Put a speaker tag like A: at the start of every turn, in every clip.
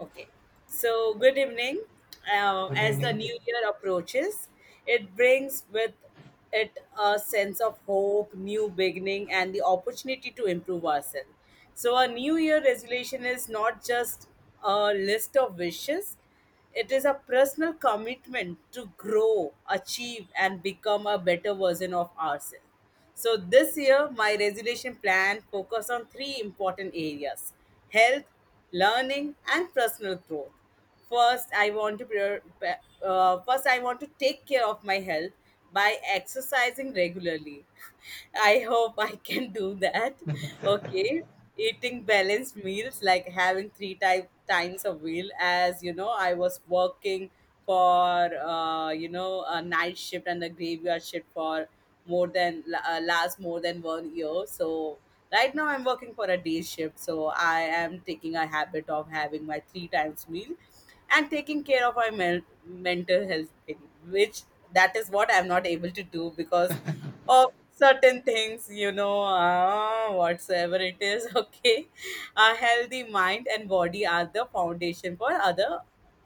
A: Okay. So, good evening. Uh,
B: Good
A: as the
B: evening.
A: new year approaches, it brings with it a sense of hope, new beginning, and the opportunity to improve ourselves. So, a new year resolution is not just a list of wishes, it is a personal commitment to grow, achieve, and become a better version of ourselves. So this year, my resolution plan focused on three important areas: health, learning, and personal growth. First, I want to prior- pa- first I want to take care of my health by exercising regularly. I hope I can do that. Okay. Eating balanced meals, like having three type times a meal, as you know, I was working for a night shift and a graveyard shift for more than last more than 1 year. So right now I'm working for a day shift, so I am taking a habit of having my three times meal and taking care of my mental health thing, which that is what I'm not able to do because of certain things, whatsoever it is. Okay, a healthy mind and body are the foundation for other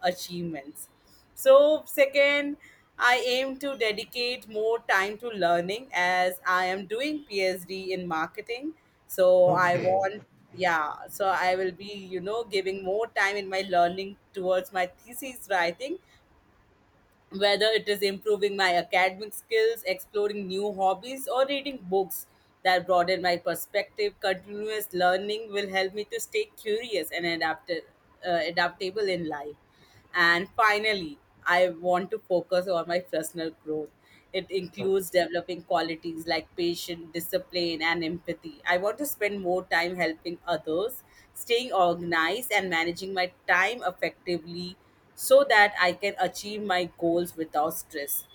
A: achievements. So second, I aim to dedicate more time to learning, as I am doing PhD in marketing, so I
B: Okay.
A: want yeah, so I will be giving more time in my learning towards my thesis writing, whether it is improving my academic skills, exploring new hobbies, or reading books that broaden my perspective. Continuous learning will help me to stay curious and adaptable in life. And finally, I want to focus on my personal growth. It includes developing qualities like patience, discipline, and empathy. I want to spend more time helping others, staying organized, and managing my time effectively so that I can achieve my goals without stress.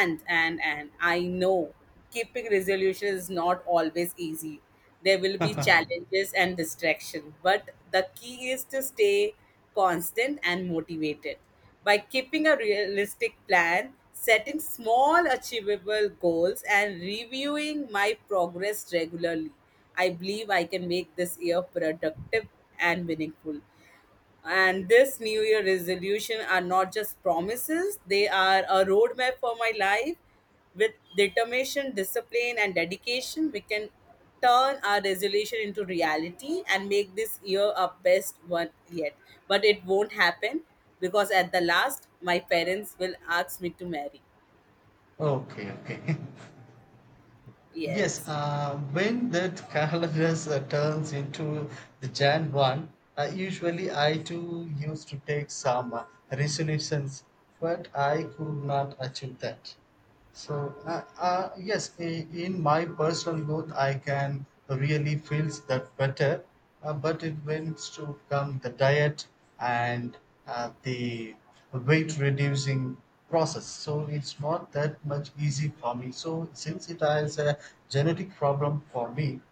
A: And I know keeping resolution is not always easy. There will be challenges and distraction, but the key is to stay constant and motivated. By keeping a realistic plan, setting small achievable goals, and reviewing my progress regularly, I believe I can make this year productive and meaningful. And this New Year resolution are not just promises, they are a roadmap for my life. With determination, discipline, and dedication, we can turn our resolution into reality and make this year our best one yet. But it won't happen, because at the last, my parents will ask me to marry.
B: Okay. Okay. Yes.
A: Yes.
B: When that calendar turns into the Jan one, usually I too used to take some resolutions, but I could not achieve that. So, yes, in my personal growth, I can really feel that better. But it went to come the diet and the weight reducing process. So it's not that much easy for me. So since it is a genetic problem for me,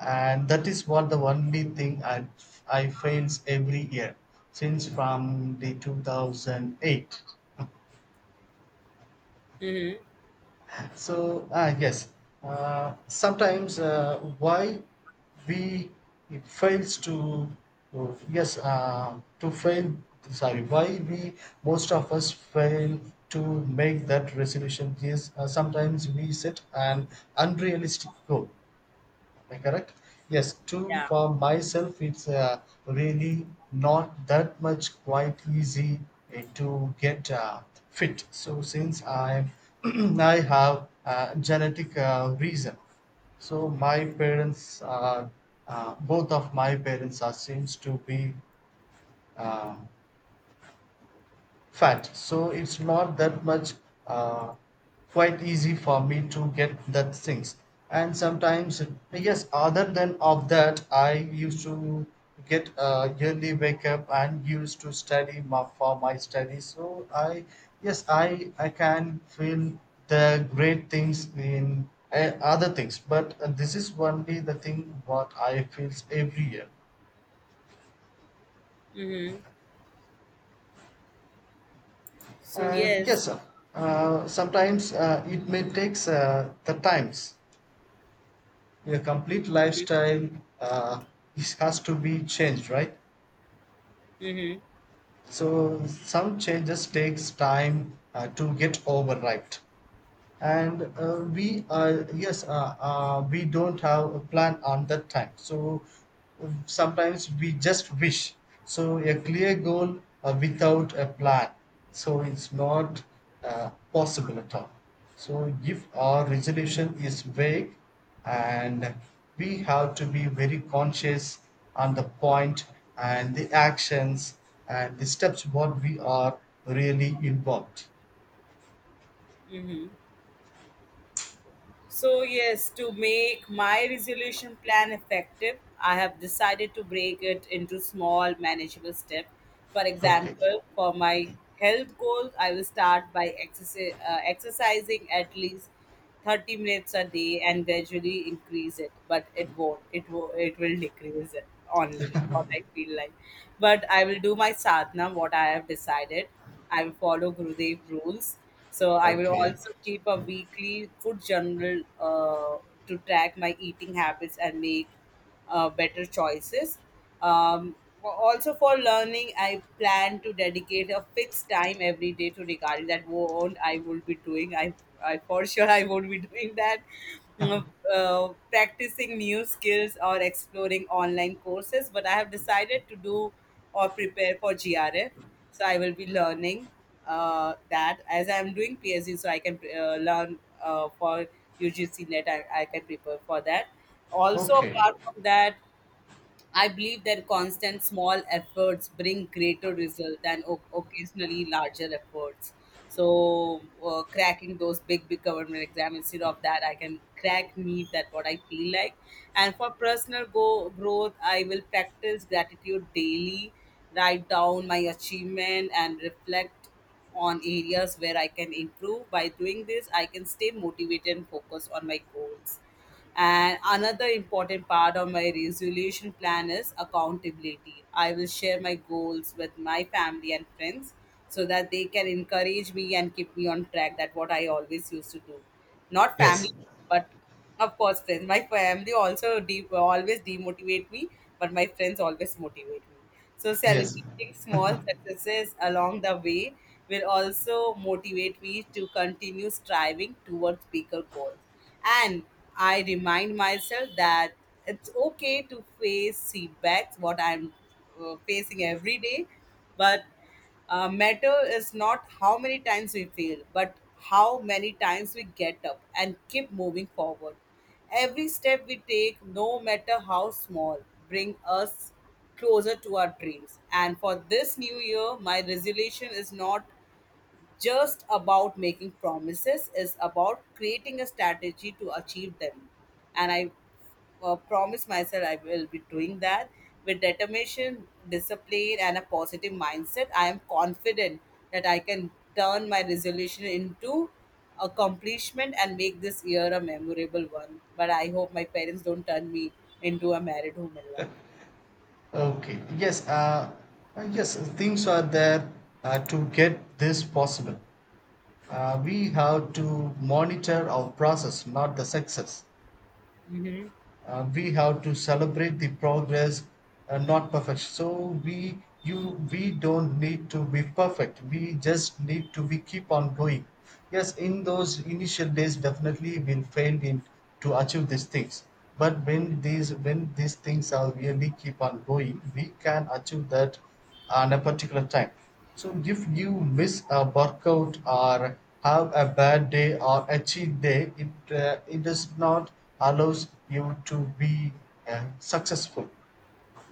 B: and that is what the only thing I fails every year since from the 2008.
A: Mm-hmm.
B: So yes, sometimes, why we it fails to, oh, yes, to fail, sorry, why we most of us fail to make that resolution is, sometimes we set an unrealistic goal. Am I correct? Yes. To
A: Yeah.
B: for myself it's really not that much quite easy to get fit. So since I I have genetic reason. So my parents are, both of my parents are seems to be uh, fat. So it's not that much uh, quite easy for me to get that things. And sometimes, yes, other than of that I used to get a yearly wake up and used to study for my studies, so I, yes, I can feel the great things in other things, but this is only the thing what I feels every year.
A: Mm-hmm. So,
B: And
A: yes.
B: yes, sir. Sometimes it may takes the times. Your complete
A: Mm-hmm.
B: lifestyle uh, has to be changed, right?
A: Mm-hmm.
B: So some changes takes time to get overripe. And we yes we don't have a plan on that time, so sometimes we just wish, so a clear goal without a plan, so it's not possible at all, so if our resolution is vague, and we have to be very conscious on the point, and the actions, and the steps what we are really involved.
A: Mm-hmm. So, yes, to make my resolution plan effective, I have decided to break it into small, manageable steps. For
B: Okay.
A: example, for my health goals, I will start by exercising at least 30 minutes a day and gradually increase it. But it won't, it will decrease it only, what I feel like. But I will do my sadhana, what I have decided. I will follow Gurudev rules. So I will
B: Okay.
A: also keep a weekly food journal to track my eating habits and make better choices. Um, Also, for learning, I plan to dedicate a fixed time every day to regarding that won't I will be doing. I for sure I won't be doing that. Mm, Uh, Practicing new skills or exploring online courses, but I have decided to do or prepare for GRF. So I will be learning that as I'm doing PhD, so I can learn for UGC Net. I can prepare for that. Also,
B: Okay.
A: apart from that, I believe that constant small efforts bring greater result than occasionally larger efforts. So, cracking those big, big government exams, instead of that, I can crack me that what I feel like. And for personal growth, I will practice gratitude daily, write down my achievement, and reflect on areas where I can improve. By doing this, I can stay motivated and focus on my goals. And another important part of my resolution plan is accountability. I will share my goals with my family and friends so that they can encourage me and keep me on track. That what I always used to do. Not
B: Yes.
A: family, but of course friends. My family also always demotivate me, but my friends always motivate me. So,
B: Yes.
A: celebrating small successes along the way will also motivate me to continue striving towards bigger goals. And I remind myself that it's okay to face setbacks, what I'm facing every day, but matter is not how many times we fail, but how many times we get up and keep moving forward. Every step we take, no matter how small, bring us closer to our dreams. And for this new year, my resolution is not just about making promises, is about creating a strategy to achieve them. And I promise myself I will be doing that. With determination, discipline, and a positive mindset, I am confident that I can turn my resolution into accomplishment and make this year a memorable one, but I hope my parents don't turn me into a married woman Life.
B: Okay. Yes. Yes. Things are there to get this possible. We have to monitor our process, not the success.
A: Mm-hmm.
B: We have to celebrate the progress and not perfection, so we you we don't need to be perfect, we just need to, we keep on going. Yes, in those initial days definitely we'll fail in to achieve these things, but when these things are really keep on going, we can achieve that, and a particular time. So if you miss a workout or have a bad day or a cheat day, it does not allows you to be successful.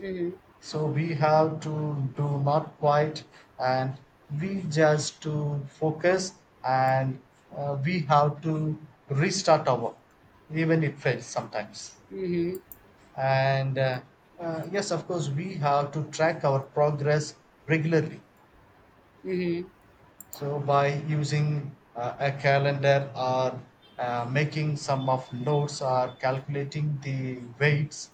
A: Mm-hmm.
B: So we have to do not quite, and we just to focus, and we have to restart our, even it fails sometimes.
A: Mm-hmm.
B: And yes, of course we have to track our progress regularly.
A: Mm-hmm.
B: So by using a calendar or making some of notes or calculating the weights,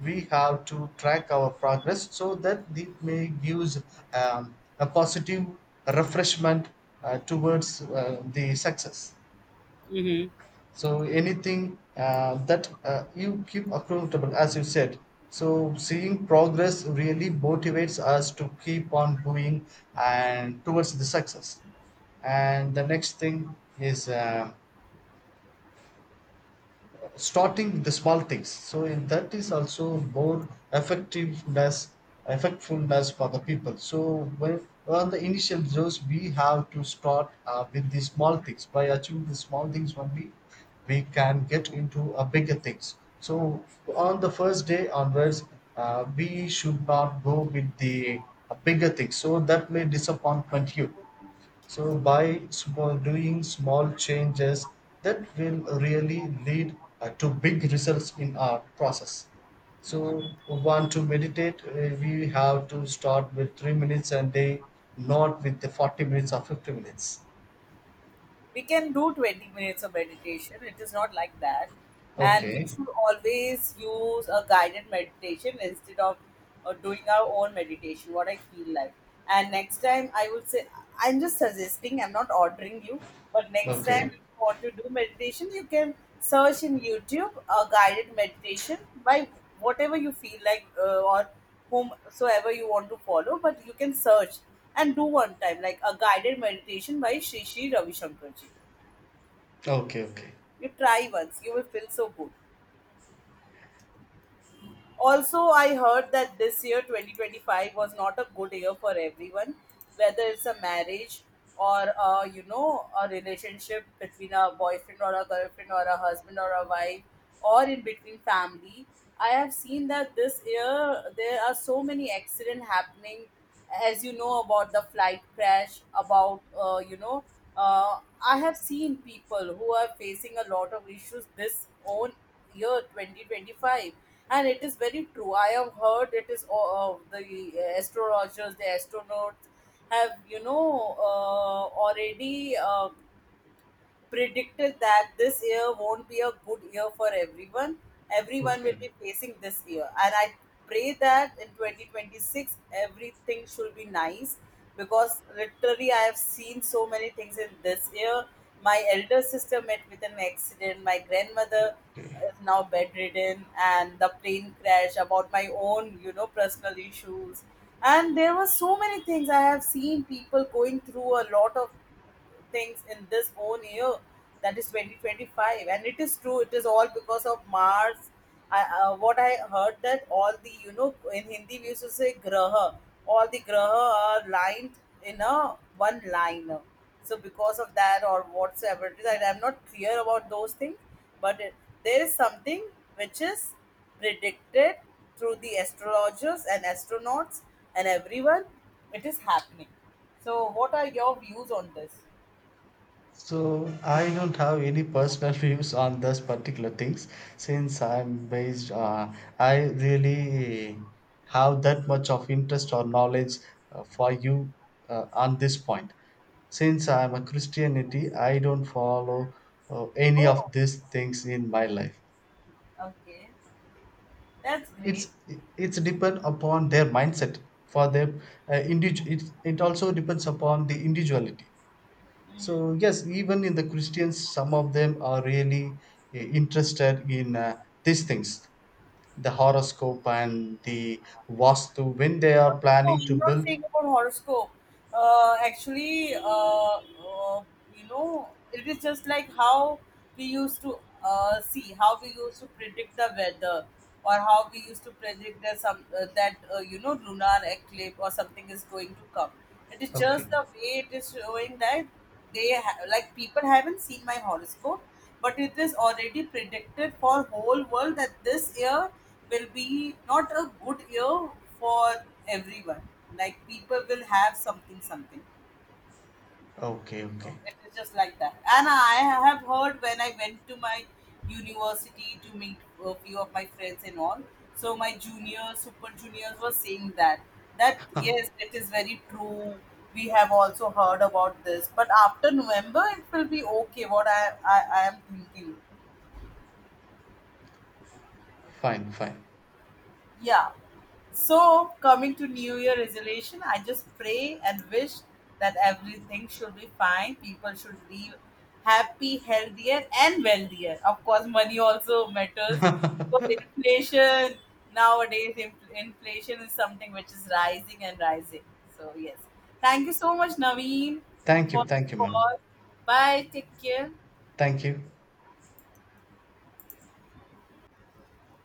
B: we have to track our progress so that it may gives a positive refreshment towards the success.
A: Mm-hmm.
B: So anything that you keep accountable, as you said. So seeing progress really motivates us to keep on going and towards the success. And the next thing is starting with the small things, so in that is also more effectiveness effectfulness for the people, so when on the initial dose we have to start with the small things, by achieving the small things only we can get into a bigger things, so on the first day onwards we should not go with the bigger things, so that may disappointment you. So by small, doing small changes that will really lead to big results in our process. So want to meditate, we have to start with 3 minutes a day, not with the 40 minutes or 50 minutes.
A: We can do 20 minutes of meditation, it is not like that, and we
B: Okay,
A: should always use a guided meditation instead of doing our own meditation what I feel like. And next time I would say, I'm just suggesting, I'm not ordering you, but next time
B: okay,
A: if you want to do meditation, you can search in YouTube a guided meditation by whatever you feel like, or whomsoever you want to follow, but you can search and do one time, like a guided meditation by Sri Sri Ravi Shankarji.
B: okay, okay,
A: You try once, you will feel so good. Also, I heard that this year 2025 was not a good year for everyone, whether it's a marriage or a, a relationship between a boyfriend or a girlfriend or a husband or a wife or in between family. I have seen that this year there are so many accident happening, as you know about the flight crash, about I have seen people who are facing a lot of issues this own year 2025. And it is very true, I have heard it is the astrologers, the astronauts have already predicted that this year won't be a good year for everyone. Everyone will
B: okay.
A: be facing this year. And I pray that in 2026, everything should be nice, because literally I have seen so many things in this year. My elder sister met with an accident, my grandmother is now bedridden, and the plane crash, about my own, you know, personal issues. And there were so many things I have seen people going through, a lot of things in this own year, that is 2025, and it is true, it is all because of Mars. What I heard, that all the in Hindi we used to say graha, all the graha are lined in a one line. So because of that or whatsoever it is, am not clear about those things, but it, there is something which is predicted through the astrologers and astronauts, and everyone, it is happening. So what are your views on this?
B: So I don't have any personal views on those particular things, since I'm based. I really have that much of interest or knowledge for you on this point. Since I'm a Christianity, I don't follow any of
A: Oh,
B: these things in my life.
A: okay. That's
B: It's
A: great.
B: it's depend upon their mindset for them. It also depends upon the individuality.
A: Mm.
B: So yes, even in the Christians, some of them are really interested in these things, the horoscope and the vastu when they
A: No,
B: are
A: no,
B: planning to
A: I'm not
B: build.
A: saying about horoscope. Actually, you know, it is just like how we used to see, how we used to predict the weather, or how we used to predict that some that you know, lunar eclipse or something is going to come. It is
B: Okay,
A: just the way it is showing that like people haven't seen my horoscope, but it is already predicted for whole world that this year will be not a good year for everyone. Like people will have something, something.
B: okay,
A: So
B: okay.
A: it is just like that. And I have heard when I went to my university to meet a few of my friends and all. So my juniors, super juniors were saying that that yes, it is very true. We have also heard about this, but after November it will be okay. What I am thinking.
B: Fine, fine.
A: Yeah, so coming to new year resolution, I just pray and wish that everything should be fine, people should live happy, healthier and wealthier. Of course money also matters, because inflation nowadays, inflation is something which is rising and rising. So yes, thank you so much, Naveen, for
B: Thank you,
A: the
B: madam.
A: call. Bye, take care.
B: Thank you.